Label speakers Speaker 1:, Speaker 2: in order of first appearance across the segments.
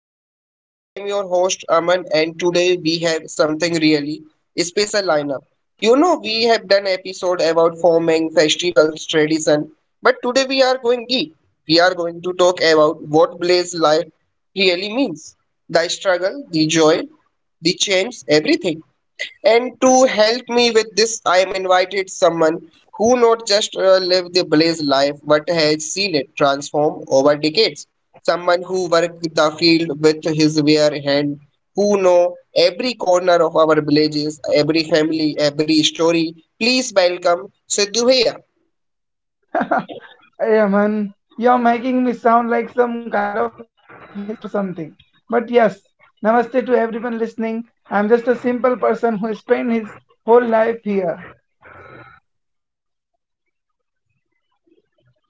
Speaker 1: Chronicle. I am your host Aman, and today we have something really special lineup. You know, we have done episode about forming festivals tradition, but today we are going deep. We are going to talk about what Blaze life really means. The struggle, the joy, the change, everything. And to help me with this, I am invited someone who not just lived the blaze life but has seen it transform over decades. Someone who worked the field with his bare hand, who know every corner of our villages, every family, every story. Please welcome Sidhu Bhaiya.
Speaker 2: Yeah, man, you're making me sound like some kind of historian or something. But yes, namaste to everyone listening. I'm just a simple person who spent his whole life here.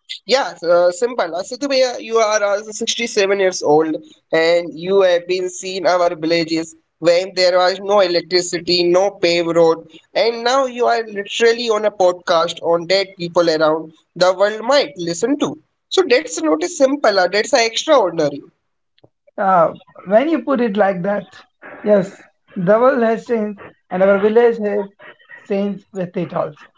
Speaker 1: Yeah, simple. Sidhubayya, you are 67 years old, and you have been seen our villages when there was no electricity, no paved road, and now you are literally on a podcast on dead people around the world might listen to. So that's not a simple, that's a extraordinary.
Speaker 2: Uh, when you put it like that, yes, the world has changed and our village has changed with it also.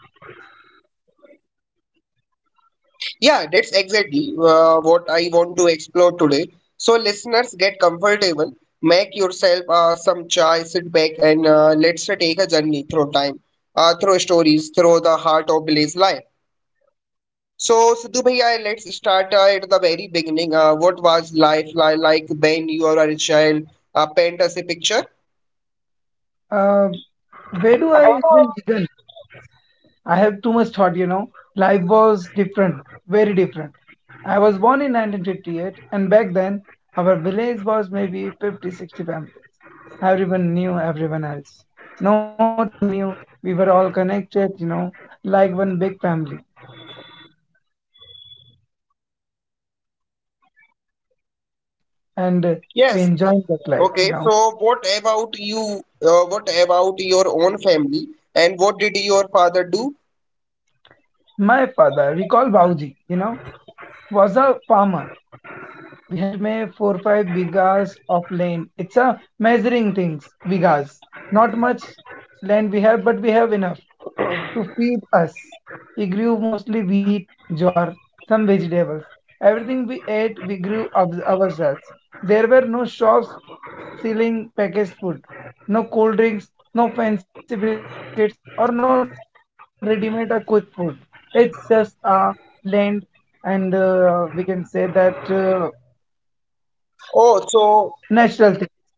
Speaker 1: Yeah, that's exactly what I want to explore today. So, listeners, get comfortable, make yourself some chai, sit back, and let's take a journey through time, through stories, through the heart of Billy's life. So, Sidhu
Speaker 2: Yeah.
Speaker 1: bhaiya, let's start at the very beginning. What was life like when you were a child? Paint us a picture.
Speaker 2: Uh, where do I even begin? I have too much thought, you know. Life was different, very different. I was born in 1958, and back then, our village was maybe 50 60 families. Everyone knew everyone else. Not just knew, we were all connected, you know, like one big family. And we
Speaker 1: Yes.
Speaker 2: enjoyed that life,
Speaker 1: Okay.
Speaker 2: you
Speaker 1: So,
Speaker 2: know.
Speaker 1: what about you? What about your own family? And what did your father do?
Speaker 2: My father, we call Bauji, you know, was a farmer. We had may four five bigas of land. It's a measuring things, bigas. Not much land we have, but we have enough to feed us. He grew mostly wheat, jowar, some vegetables. Everything we ate, we grew of ourselves. There were no shops selling packaged food, no cold drinks, no fancy biscuits, or no ready-made or quick food. It's just a land, and we can say that
Speaker 1: Oh,
Speaker 2: natural thing.
Speaker 1: so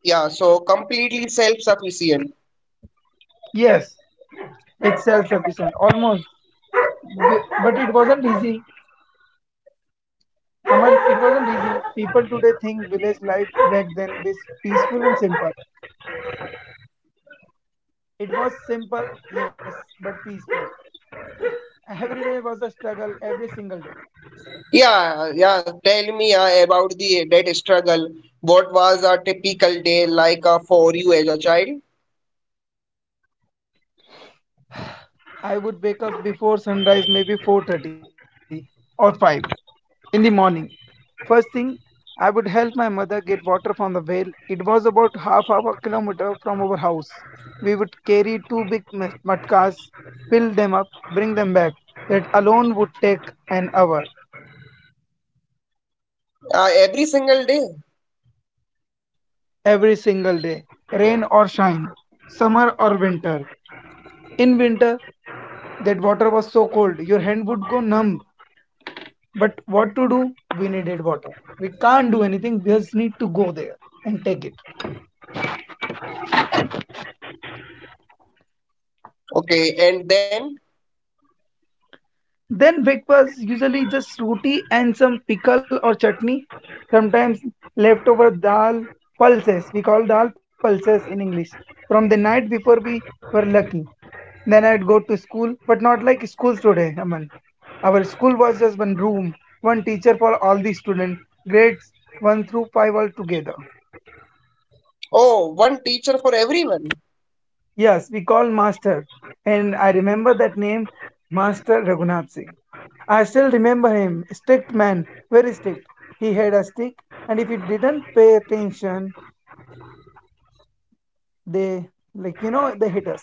Speaker 1: yeah, so completely self-sufficient.
Speaker 2: Yes, it's self-sufficient almost, but it wasn't easy. Aman, it wasn't easy. People today think village life back then was peaceful and simple. It was simple, yes, but peaceful. Every day was a struggle, every single day.
Speaker 1: Yeah, yeah. Tell me about the that struggle. What was a typical day like for you as a child?
Speaker 2: I would wake up before sunrise, maybe 4:30 or 5 in the morning. First thing, I would help my mother get water from the well. It was about half of a kilometer from our house. We would carry two big matkas, fill them up, bring them back. That alone would take an hour
Speaker 1: Every single day.
Speaker 2: every single day, rain or shine, summer or winter. In winter, that water was so cold, your hand would go numb. But what to do? We needed water. We can't do anything. We just need to go there and take it.
Speaker 1: Okay, and then
Speaker 2: Then breakfast usually just roti and some pickle or chutney. Sometimes leftover dal pulses. We call dal pulses in English. From the night before we were lucky. Then I'd go to school, but not like schools today, Aman. Our school was just one room, one teacher for all the students, grades 1 through 5 all together.
Speaker 1: oh, one teacher for everyone.
Speaker 2: Yes, we call Master, and I remember that name, Master Raghunath Singh. I still remember him, strict man, very strict. He had a stick, and if he didn't pay attention, they, like, they hit us.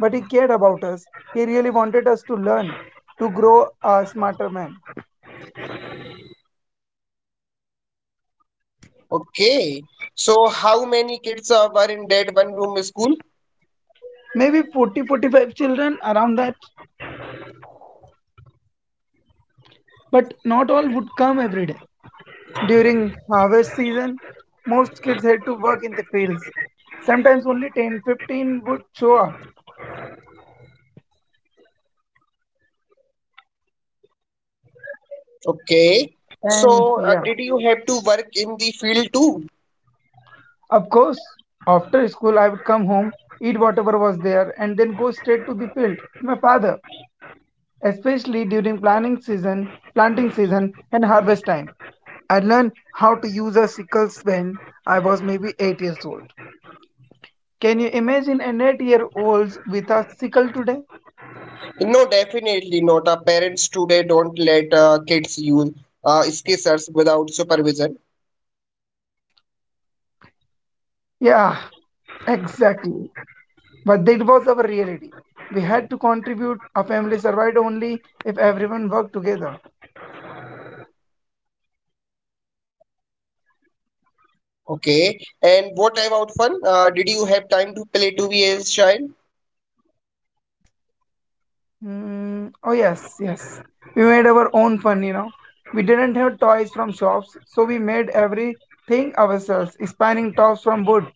Speaker 2: But he cared about us. He really wanted us to learn, to grow a smarter man.
Speaker 1: Okay. So how many kids were in that one room school?
Speaker 2: Maybe 40, 45 children around that, but not all would come every day. During harvest season, most kids had to work in the fields. Sometimes only 10, 15 would show up.
Speaker 1: Okay.
Speaker 2: And
Speaker 1: So
Speaker 2: yeah,
Speaker 1: did you have to work in the field too?
Speaker 2: of course, after school, I would come home, eat whatever was there, and then go straight to the field with my father, especially during planning season, planting season, and harvest time. I learned how to use a sickle when I was maybe 8 years old. Can you imagine an 8-year-old with a sickle today?
Speaker 1: No, definitely not. Parents today don't let kids use scissors without supervision.
Speaker 2: Yeah, exactly. But that was our reality. We had to contribute. A family survived only if everyone worked together.
Speaker 1: Okay. And what about fun? Did you have time to play 2B as child?
Speaker 2: Hmm. Oh, yes, yes. We made our own fun, you know. We didn't have toys from shops, so we made everything ourselves spinning tops from wood,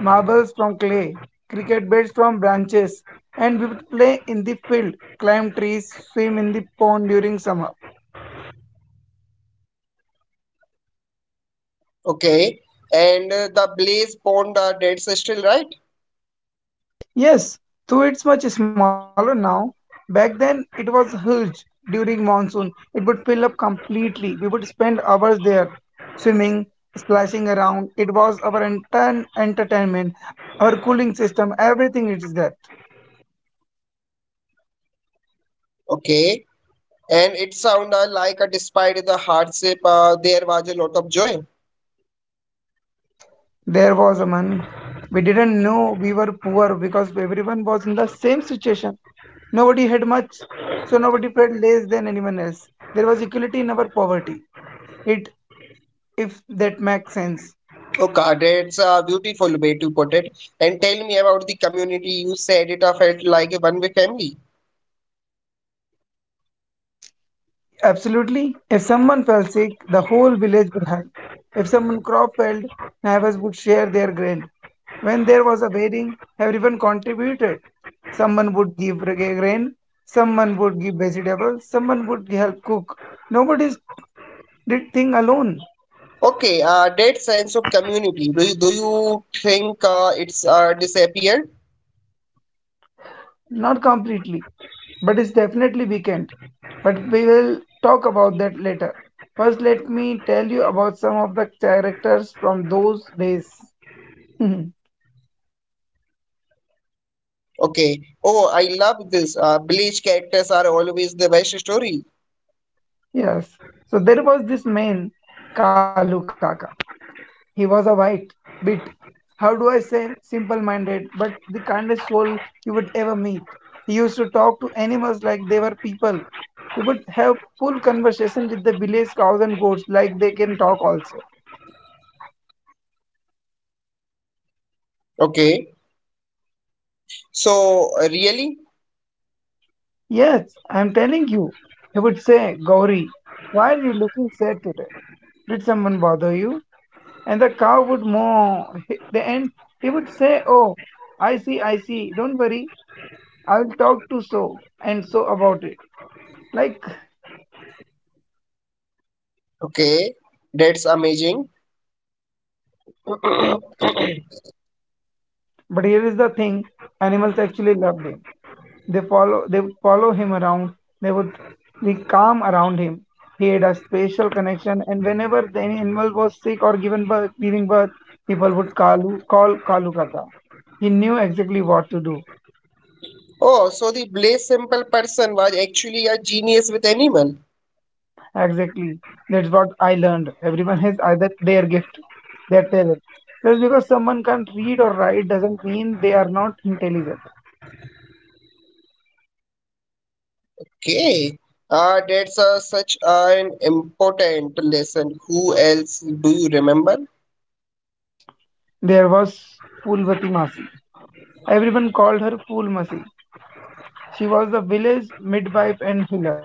Speaker 2: marbles from clay, cricket bats from branches, and we would play in the field, climb trees, swim in the pond during summer.
Speaker 1: Okay. And the Blaze Pond dates are still right?
Speaker 2: Yes, though it's much smaller now. Back then, it was huge during monsoon. It would fill up completely. We would spend hours there, swimming, splashing around. It was our entire entertainment, our cooling system, everything it is that.
Speaker 1: Okay. And it sounded like despite the hardship, there was a lot of joy.
Speaker 2: There was a man. We didn't know we were poor because everyone was in the same situation. Nobody had much, so nobody felt less than anyone else. There was equality in our poverty. It, if that makes sense.
Speaker 1: Okay, that's a beautiful way to put it. And tell me about the community. You said it felt like a one-way family.
Speaker 2: Absolutely. If someone fell sick, the whole village would help. If someone crop failed, neighbors would share their grain. When there was a wedding, everyone contributed. Someone would give grain, someone would give vegetables, someone would help cook. Nobody did thing alone,
Speaker 1: Okay, that sense of community. Do you think it's disappeared?
Speaker 2: not completely, but it's definitely weekend. But we will talk about that later. First, let me tell you about some of the characters from those days.
Speaker 1: Okay. Oh, I love this. Bleach characters are always the best story.
Speaker 2: Yes. So there was this man, Kalu Kaka. He was a white bit. How do I say? Simple minded, but the kindest soul you would ever meet. He used to talk to animals like they were people. He would have full conversation with the village cows and goats like they can talk also.
Speaker 1: Okay. So really?
Speaker 2: Yes, I'm telling you. He would say, Gauri, why are you looking sad today? Did someone bother you? And the cow would moo. The He would say, oh, I see, I see. Don't worry, I'll talk to so and so about it. Like,
Speaker 1: Okay. That's amazing.
Speaker 2: but here is the thing animals actually loved him. They would follow him around, they would be calm around him. He had a spatial connection, and whenever the animal was sick or given birth, giving birth, people would call Kalu Kaka. He knew exactly what to do.
Speaker 1: Oh, so the Bleach simple person was actually a genius with animal.
Speaker 2: Exactly. That's what I learned. Everyone has either their gift, their talent. Just because someone can't read or write doesn't mean they are not intelligent.
Speaker 1: Okay. That's such an important lesson. Who else do you remember?
Speaker 2: There was Fulvati Masi. Everyone called her Pool Masi. She was the village midwife and healer.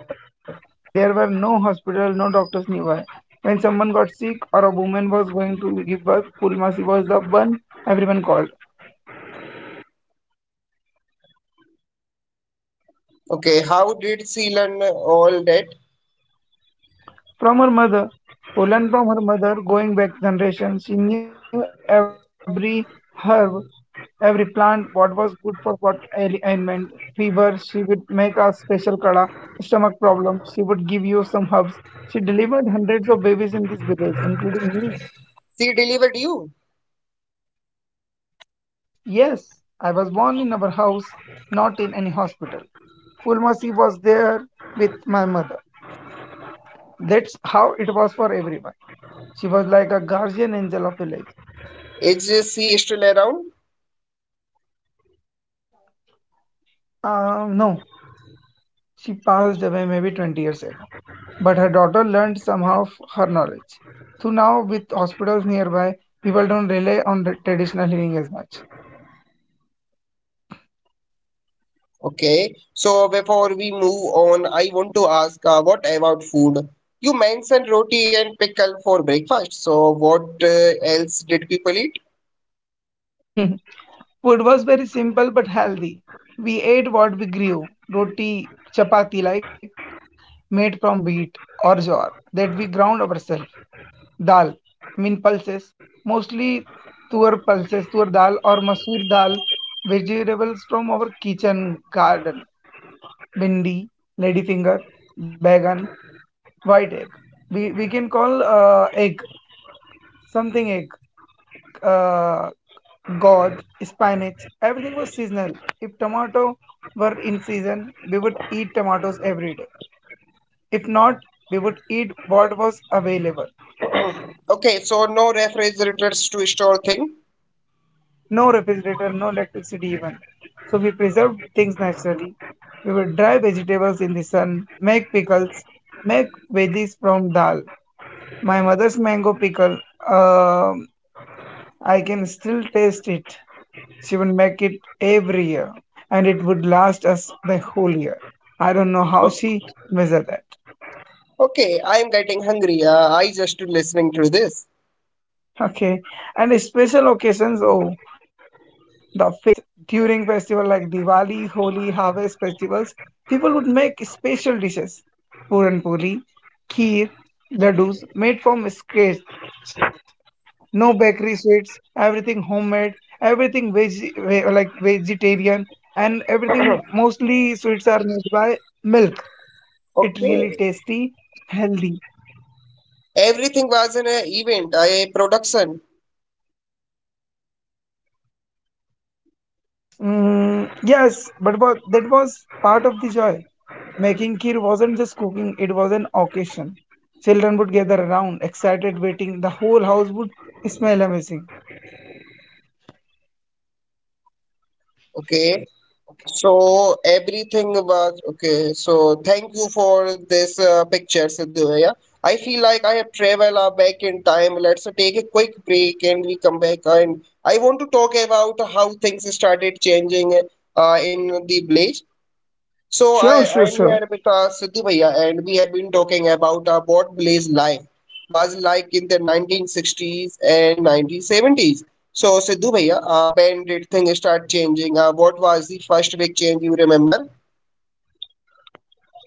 Speaker 2: There were no hospitals, no doctors nearby. When someone got sick or a woman was going to give birth, Pool Masi was the one everyone called.
Speaker 1: Okay. How did she learn all that?
Speaker 2: From her mother who learned from her mother going back generations, she knew every herb, every plant, what was good for what ailment. Fever, she would make a special kada. Stomach problem, she would give you some herbs. She delivered hundreds of babies in this village, including me.
Speaker 1: She delivered you.
Speaker 2: Yes, I was born in our house, not in any hospital. Fulmasi was there with my mother. That's how it was for everyone. She was like a guardian angel of village.
Speaker 1: It's is still around?
Speaker 2: No, she passed away maybe 20 years ago. But her daughter learned somehow her knowledge. So now, with hospitals nearby, people don't rely on the traditional healing as
Speaker 1: Okay. So before we move on, I want to ask what about food? You mentioned roti and pickle for breakfast. So what else did people eat?
Speaker 2: much. Food was very simple but healthy. We ate what we grew roti, chapati like, made from wheat or jowar that we ground ourselves. Dal, mean pulses, mostly tur pulses, tur dal or masoor dal, vegetables from our kitchen garden Bindi, Ladyfinger, Bagan, White Egg. We can call egg something egg, uh, gourd, spinach. Everything was seasonal. If tomato were in season, we would eat tomatoes every day. If not, we would eat what was available.
Speaker 1: Okay, so no refrigerators to store thing.
Speaker 2: No refrigerator, no electricity even. So we preserved things naturally. We would dry vegetables in the sun, make pickles, make vedis from dal. My mother's mango pickle, um, I can still taste it. She would make it every year, and it would last us the whole year. I don't know how
Speaker 1: O-
Speaker 2: she measured that.
Speaker 1: Okay, I am getting hungry. I just listening to this.
Speaker 2: Okay. And special occasions, oh, the feast during festival like Diwali, Holi, harvest festivals, people would make special dishes. Puran puri, kheer, laddus made from scratch. No bakery sweets, everything homemade, everything like vegetarian, and everything mostly sweets are made by milk. It really
Speaker 1: Okay.
Speaker 2: tasty, healthy.
Speaker 1: Everything was an event, a production.
Speaker 2: Mm, yes, but that was part of the joy. Making kheer wasn't just cooking, it was an occasion. Children would gather around, excited, waiting. The whole house would smell amazing.
Speaker 1: Okay. So everything was okay. So thank you for this picture, Sidhu. Yeah, I feel like I have traveled back in time. Let's take a quick break and we come back. And I want to talk about how things started changing in the village. So I
Speaker 2: Sure, sure,
Speaker 1: I'm
Speaker 2: sure.
Speaker 1: here with Siddhi Bhaiya, and we have been talking about what Blaze life was like in the 1960s and 1970s. So Sidhu Bhaiya, when did things start changing? What was the first big change you remember?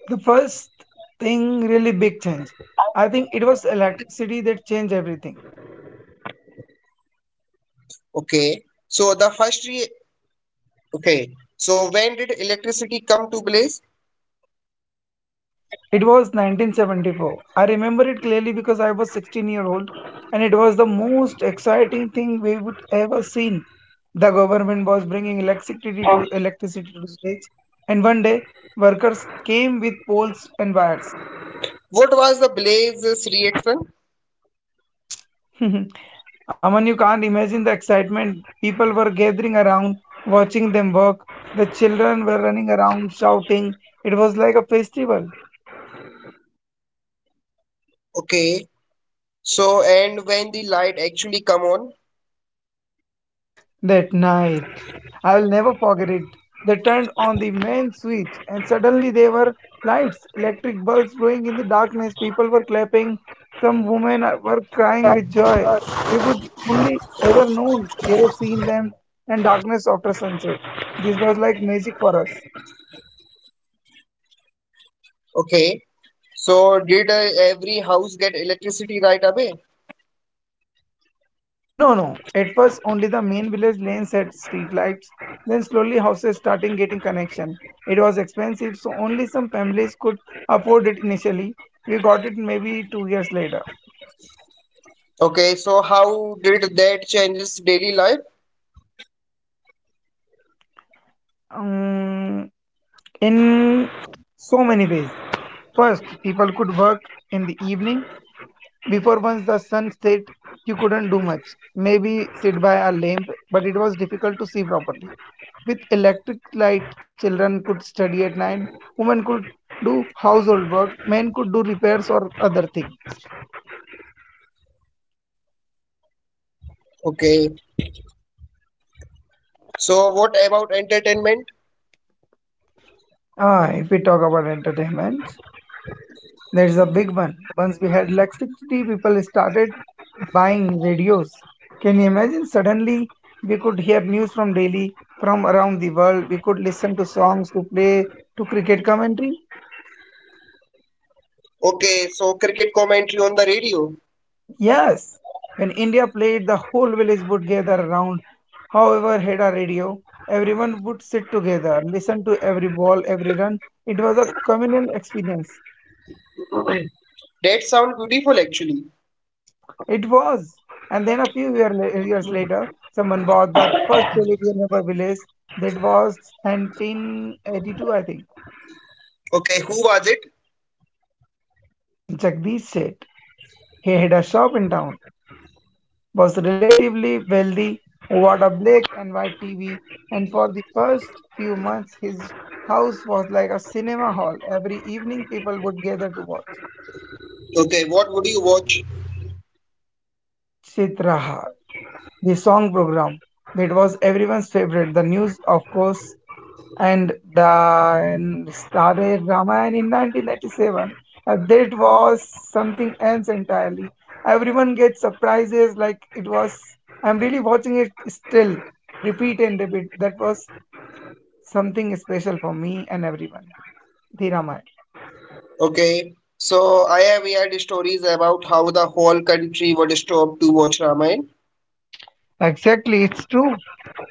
Speaker 2: The first thing, really big change. I think it was electricity that changed everything.
Speaker 1: Okay. So the first re okay. So when did electricity come to Blaze?
Speaker 2: It was 1974. I remember it clearly because I was 16-year-old and it was the most exciting thing we would ever seen. The government was bringing electricity to states and one day workers came with poles and wires.
Speaker 1: What was the Blaze's reaction?
Speaker 2: Aman, you can't imagine the excitement. People were gathering around, watching them work. The children were running around, shouting. It was like a festival. That night, I will never forget it. They turned on the main switch, and suddenly there were lights, electric bulbs glowing in the darkness. People were clapping. Some women were crying with joy. We would only ever known kerosene lamps and darkness after sunset. This was like magic for us.
Speaker 1: Okay. So did every house get electricity right away?
Speaker 2: No, no. At first, only the main village lanes had streetlights. Then slowly houses starting getting connection. It was expensive, so only some families could afford it initially. We got it maybe 2 years later.
Speaker 1: Okay. So how did that changes daily life?
Speaker 2: Um, in so many ways. First, people could work in the evening. Before once the sun set, you couldn't do much. Maybe sit by a lamp, but it was difficult to see properly. With electric light, children could study at night, women could do household work, men could do repairs or other things.
Speaker 1: Okay. So what about entertainment?
Speaker 2: Ah, if we talk about entertainment, there is a big one. Once we had electricity, people started buying radios. Can you imagine? Suddenly, we could hear news from Delhi, from around the world. We could listen to songs, to play, to cricket commentary.
Speaker 1: Okay. So cricket commentary on the radio.
Speaker 2: Yes, when India played, the whole village would gather around. However, had a radio, everyone would sit together, listen to every ball, every run. It was a communal experience.
Speaker 1: That sound beautiful actually.
Speaker 2: It was. And then a few year, la- years later, someone bought that first television of a village. That was 1982, I think.
Speaker 1: Okay, who was it?
Speaker 2: Jagdish said he had a shop in town. Was relatively wealthy, bought a black and white TV, and for the first few months, his house was like a cinema hall. Every evening, people would gather to watch
Speaker 1: Okay, what would you watch?
Speaker 2: Chitraha, the song program that was everyone's favorite, the news, of course, and the then started Ramayana in 1997. And that was something else entirely. Everyone gets surprises like it was. I'm really watching it still, repeat and repeat. That was something special for me and everyone. The Ramayana.
Speaker 1: Okay, so I have heard stories about how the whole country would stop to watch Ramayana.
Speaker 2: Exactly, it's true.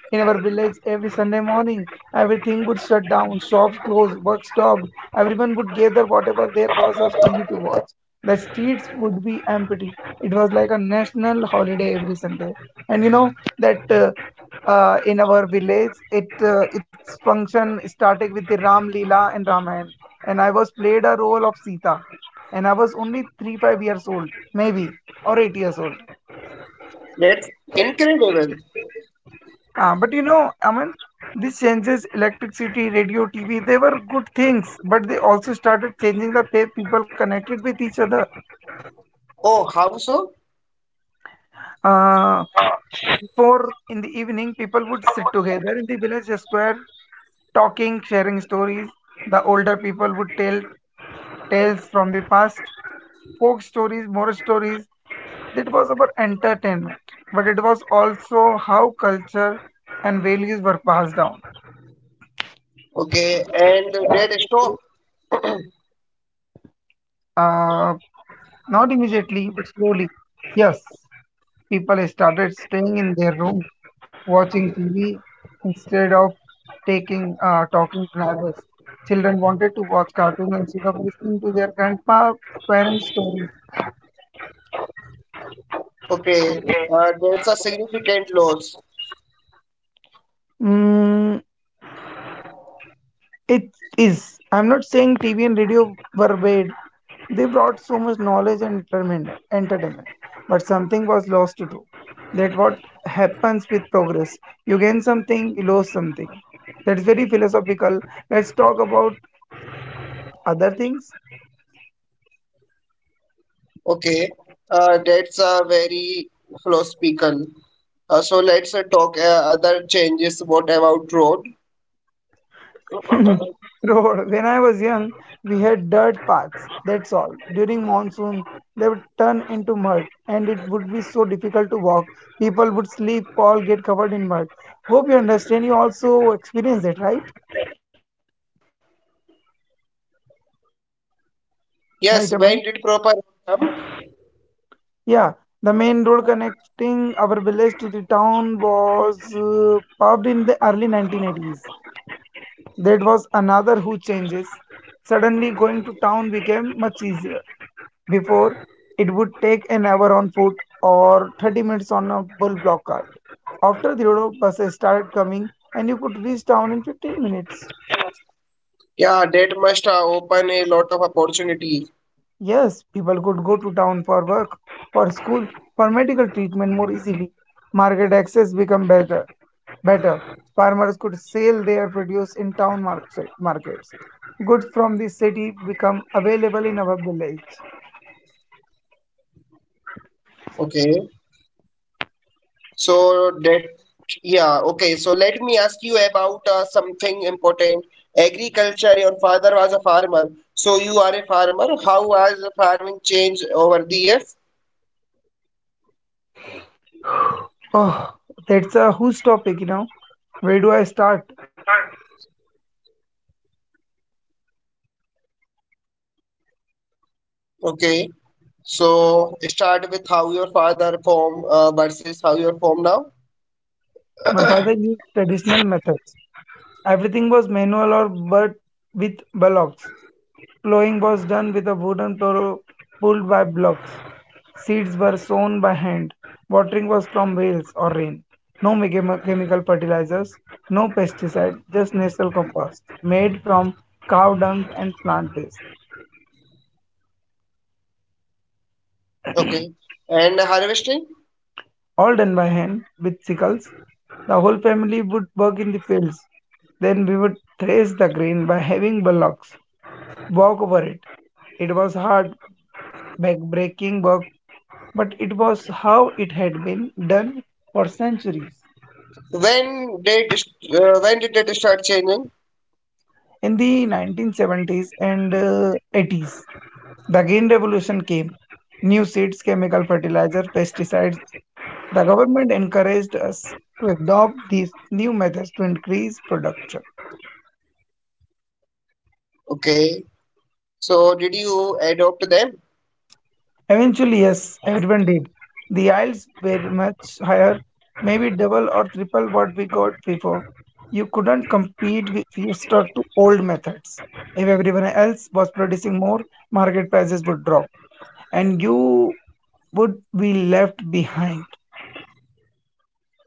Speaker 2: In our village, every Sunday morning, everything would shut down, shops closed, work stopped, everyone would gather whatever there was of TV to watch. The streets would be empty. It was like a national holiday every Sunday. And you know that in our village, it its function started with the Ram Leela and Ramayana, and I was played a role of Sita, and I was only 3 5 years old, maybe or 8 years old.
Speaker 1: That's incredible.
Speaker 2: But you know, I mean, these changes, electricity, radio, TV, they were good things, but they also started changing the way people connected with each other.
Speaker 1: Oh, how so?
Speaker 2: Uh, before in the evening, people would sit together in the village square, talking, sharing stories. The older people would tell tales from the past, folk stories, moral stories. That was about entertainment, but it was also how culture and values were passed down.
Speaker 1: Okay, and that stop.
Speaker 2: Uh, not immediately, but slowly. Yes. People started staying in their rooms, watching TV instead of taking talking to neighbors. Children wanted to watch cartoons instead of listening to their grandpa parents' stories.
Speaker 1: Okay, that's a significant loss.
Speaker 2: Mm, it is. I'm not saying TV and radio were bad. They brought so much knowledge and entertainment, but something was lost to do. That what happens with progress. You gain something, you lose something. That's very philosophical. Let's talk about other things.
Speaker 1: Okay, that's a very philosophical. So let's talk other changes. What about road?
Speaker 2: Bro, when I was young, we had dirt paths, that's all. During monsoon, they would turn into mud, and it would be so difficult to walk. People would sleep or get covered in mud. Hope you understand, you also experienced it, right?
Speaker 1: Yes, when did proper income?
Speaker 2: Right, Amran? Yeah, the main road connecting our village to the town was paved in the early 1980s. That was another huge changes. Suddenly, going to town became much easier. Before, it would take an hour on foot or 30 minutes on a bull block cart. After the road buses started coming, and you could reach town in 15 minutes.
Speaker 1: Yeah, that must open a lot of opportunity.
Speaker 2: Yes, people could go to town for work, for school, for medical treatment more easily. Market access became better. Better. Farmers could sell their produce in town markets. Goods from the city become available in our village.
Speaker 1: Okay, so that yeah. Okay, so let me ask you about something important. Agriculture. Your father was a farmer, so you are a farmer. How has farming changed over the years?
Speaker 2: Oh, that's a huge topic, you know. Where do I start?
Speaker 1: Okay. So start with how your father form versus how you form now.
Speaker 2: My father used traditional methods. Everything was manual or but with bullocks. Plowing was done with a wooden plow pulled by blocks. Seeds were sown by hand. Watering was from wells or rain. No chemical fertilizers, no pesticide, just natural compost made from cow dung and plant waste.
Speaker 1: Okay. And harvesting.
Speaker 2: All done by hand with sickles. The whole family would work in the fields. Then we would thresh the grain by having bullocks walk over it. It was hard, backbreaking work, but it was how it had been done for centuries.
Speaker 1: When did when did it start changing?
Speaker 2: In the 1970s and 80s, the green revolution came. New seeds, chemical fertilizer, pesticides. The government encouraged us to adopt these new methods to increase production.
Speaker 1: Okay. So did you adopt them?
Speaker 2: Eventually, yes, everyone did. The yields were much higher, maybe double or triple what we got before. You couldn't compete with- If you stuck to old methods. If everyone else was producing more, market prices would drop and you would be left behind.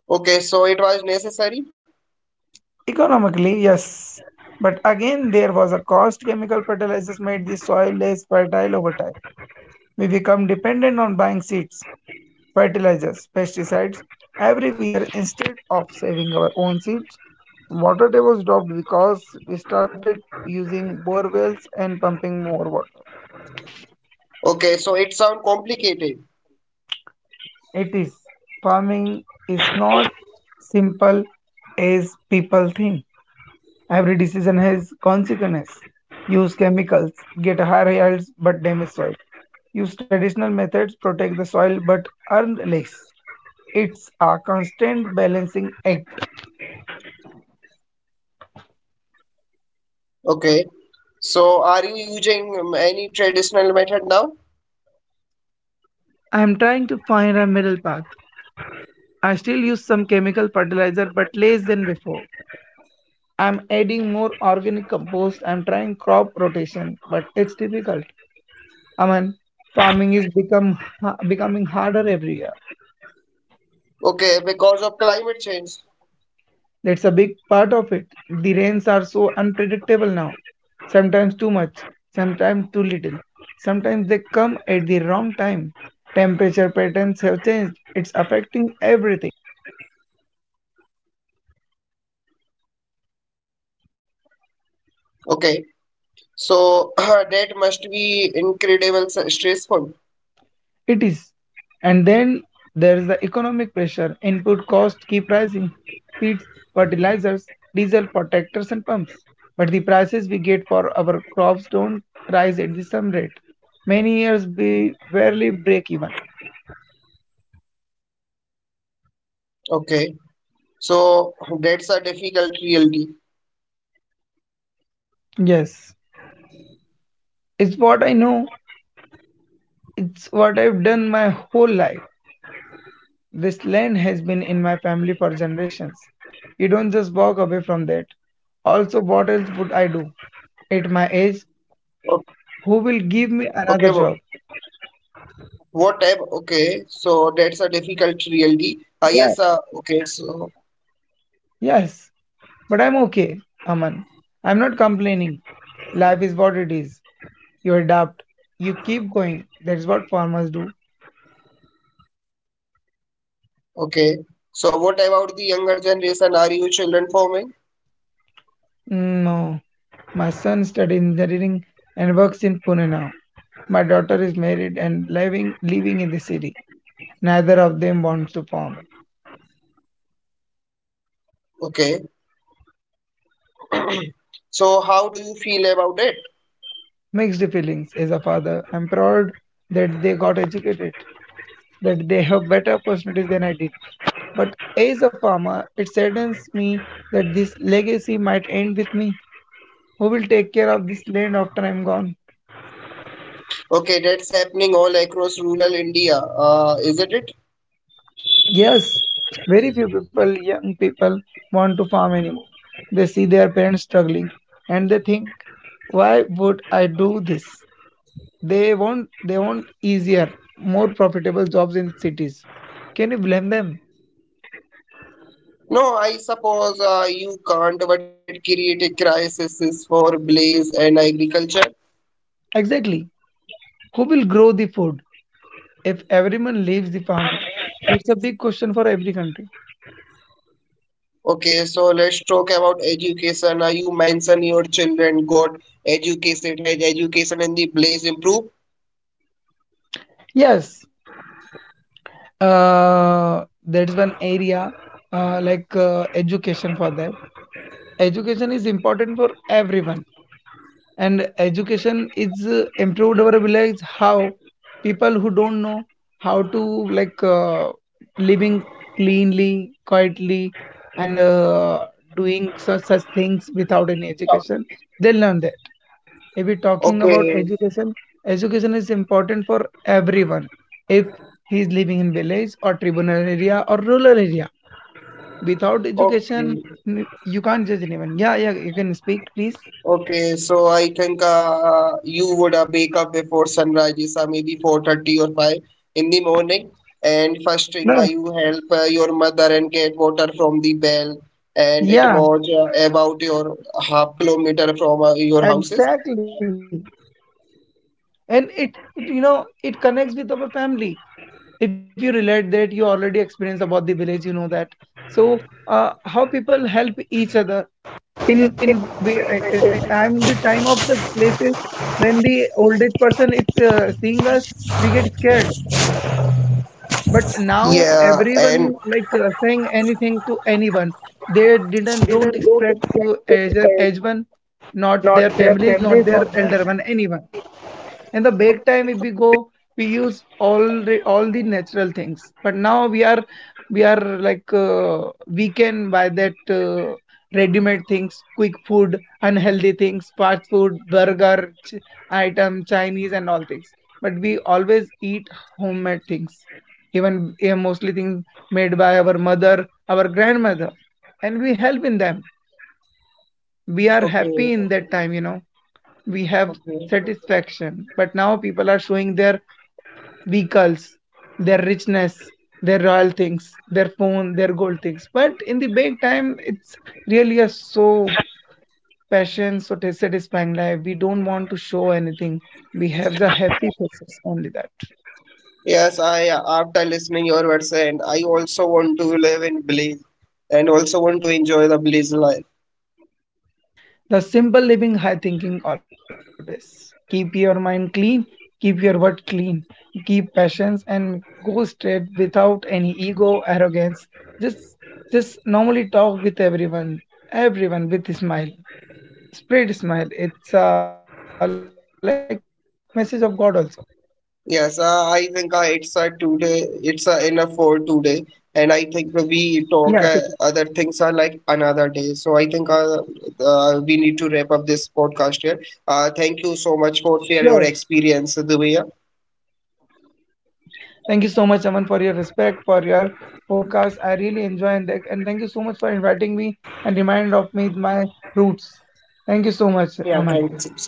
Speaker 1: Okay. So it was necessary.
Speaker 2: Economically, yes, but again, there was a cost. Chemical fertilizers made the soil less fertile over time. We become dependent on buying seeds fertilizers, pesticides everywhere instead of saving our own seeds. Water tables dropped because we started using bore wells and pumping more water.
Speaker 1: Okay. So it sounds complicated.
Speaker 2: It is farming is not simple as people think. Every decision has consequences. Use chemicals, get higher yields but damage soil. Use traditional methods, protect the soil but earn less. It's a constant balancing act.
Speaker 1: Okay. So are you using any traditional method now?
Speaker 2: I'm trying to find a middle path. I still use some chemical fertilizer but less than before. I'm adding more organic compost. I'm trying crop rotation, but it's difficult. I mean, farming is become ha- becoming harder every year.
Speaker 1: Okay. Because of climate change.
Speaker 2: That's a big part of it. The rains are so unpredictable now. Sometimes too much, sometimes too little. Sometimes they come at the wrong time. Temperature patterns have changed. It's affecting everything.
Speaker 1: Okay. So that must be incredible stressful.
Speaker 2: It is. And then there is the economic pressure. Input costs keep rising. Feeds, fertilizers, diesel protectors and pumps. But the prices we get for our crops don't rise at the same rate. Many years we barely break even.
Speaker 1: Okay. So that's a difficult reality.
Speaker 2: Yes, it's what I know. It's what I've done my whole life. This land has been in my family for generations. You don't just walk away from that. Also, what else would I do? At my age,
Speaker 1: O-
Speaker 2: who will give
Speaker 1: Okay,
Speaker 2: me another job.
Speaker 1: what type? Okay, so that's a difficult reality. Ah, yes, okay, so
Speaker 2: Yes, but I'm okay, Aman. I'm not complaining. Life is what it is. You adapt. You keep going. That's what farmers do.
Speaker 1: okay. So what about the younger generation? Are you children forming?
Speaker 2: No. My son studies engineering and works in Pune now. My daughter is married and living in the city. Neither of them wants to farm.
Speaker 1: Okay. So how do you feel about it?
Speaker 2: Mixed feelings as a father. I'm proud that they got educated, that they have better opportunities than I did. But as a farmer, it saddens me that this legacy might end with me. Who will take care of this land after I'm gone?
Speaker 1: Okay, that's happening all across rural India, isn't it?
Speaker 2: Yes, very few people, young people, want to farm anymore. They see their parents struggling and they think, why would I do this? They want easier, more profitable jobs in cities. Can you blame them?
Speaker 1: No, I suppose you can't, but it created crises for blaze and agriculture.
Speaker 2: Exactly. Who will grow the food? If everyone leaves the farming, that's a big question for every country.
Speaker 1: Okay, so let's talk about education. You mentioned your children got educated, had education in the place improved.
Speaker 2: Yes, that's one area education for that. Education is important for everyone, and education is improved over village. How people who don't know how to like uh, living cleanly, quietly, and doing such such things without any education, they learn that. If we're talking about
Speaker 1: Okay,
Speaker 2: education, education is important for everyone. If he is living in village or tribal area or rural area, without
Speaker 1: okay,
Speaker 2: education, you can't judge anyone. Yeah, yeah, you can speak, please.
Speaker 1: okay. So I think you would wake up before sunrise, yes, maybe 4:30 or 5 in the morning. And first thing,
Speaker 2: No.
Speaker 1: you help your mother and get water from the well. And it
Speaker 2: Yeah,
Speaker 1: was about your ½ kilometer from your houses.
Speaker 2: exactly. And you know, it connects with our family. If you relate that, you already experienced about the village, you know that. So, how people help each other in I'm the time of the places when the old age person if seeing us we get scared but now everyone saying anything to anyone they didn't don't expect to age one not their families not their elder one anyone in the back time if we go we use all the natural things but now we are like uh, we can buy that ready-made things quick food unhealthy things fast food burger ch- item chinese and all things but we always eat homemade things even mostly things made by our mother our grandmother and we help in them we are
Speaker 1: Okay,
Speaker 2: happy in that time you know we have
Speaker 1: okay.
Speaker 2: satisfaction. But now people are showing their vehicles, their richness, their royal things, their phone, their gold things. But in the big time, it's really a so passion, satisfying life. We don't want to show anything. We have the happy process, only that.
Speaker 1: Yes, I after listening your words, and I also want to live in Belize and also want to enjoy the Belize life.
Speaker 2: The simple living high thinking always. Keep your mind clean, keep your word clean, keep passions and go straight without any ego, arrogance. Just just normally talk with everyone, everyone with a smile. Spread smile. It's like message of God also.
Speaker 1: Yes, I think it's today it's enough for today, and I think
Speaker 2: Yeah,
Speaker 1: we talk other things are like another day. So I think we need to wrap up this podcast here. Thank you so
Speaker 2: sure.
Speaker 1: much for sharing your experience, Dubia.
Speaker 2: Thank you so much, Aman, for your respect, for your podcast. I really enjoy and thank you so much for inviting me and remind of me my roots. Thank you so much, Aman.
Speaker 1: Yeah, thank you.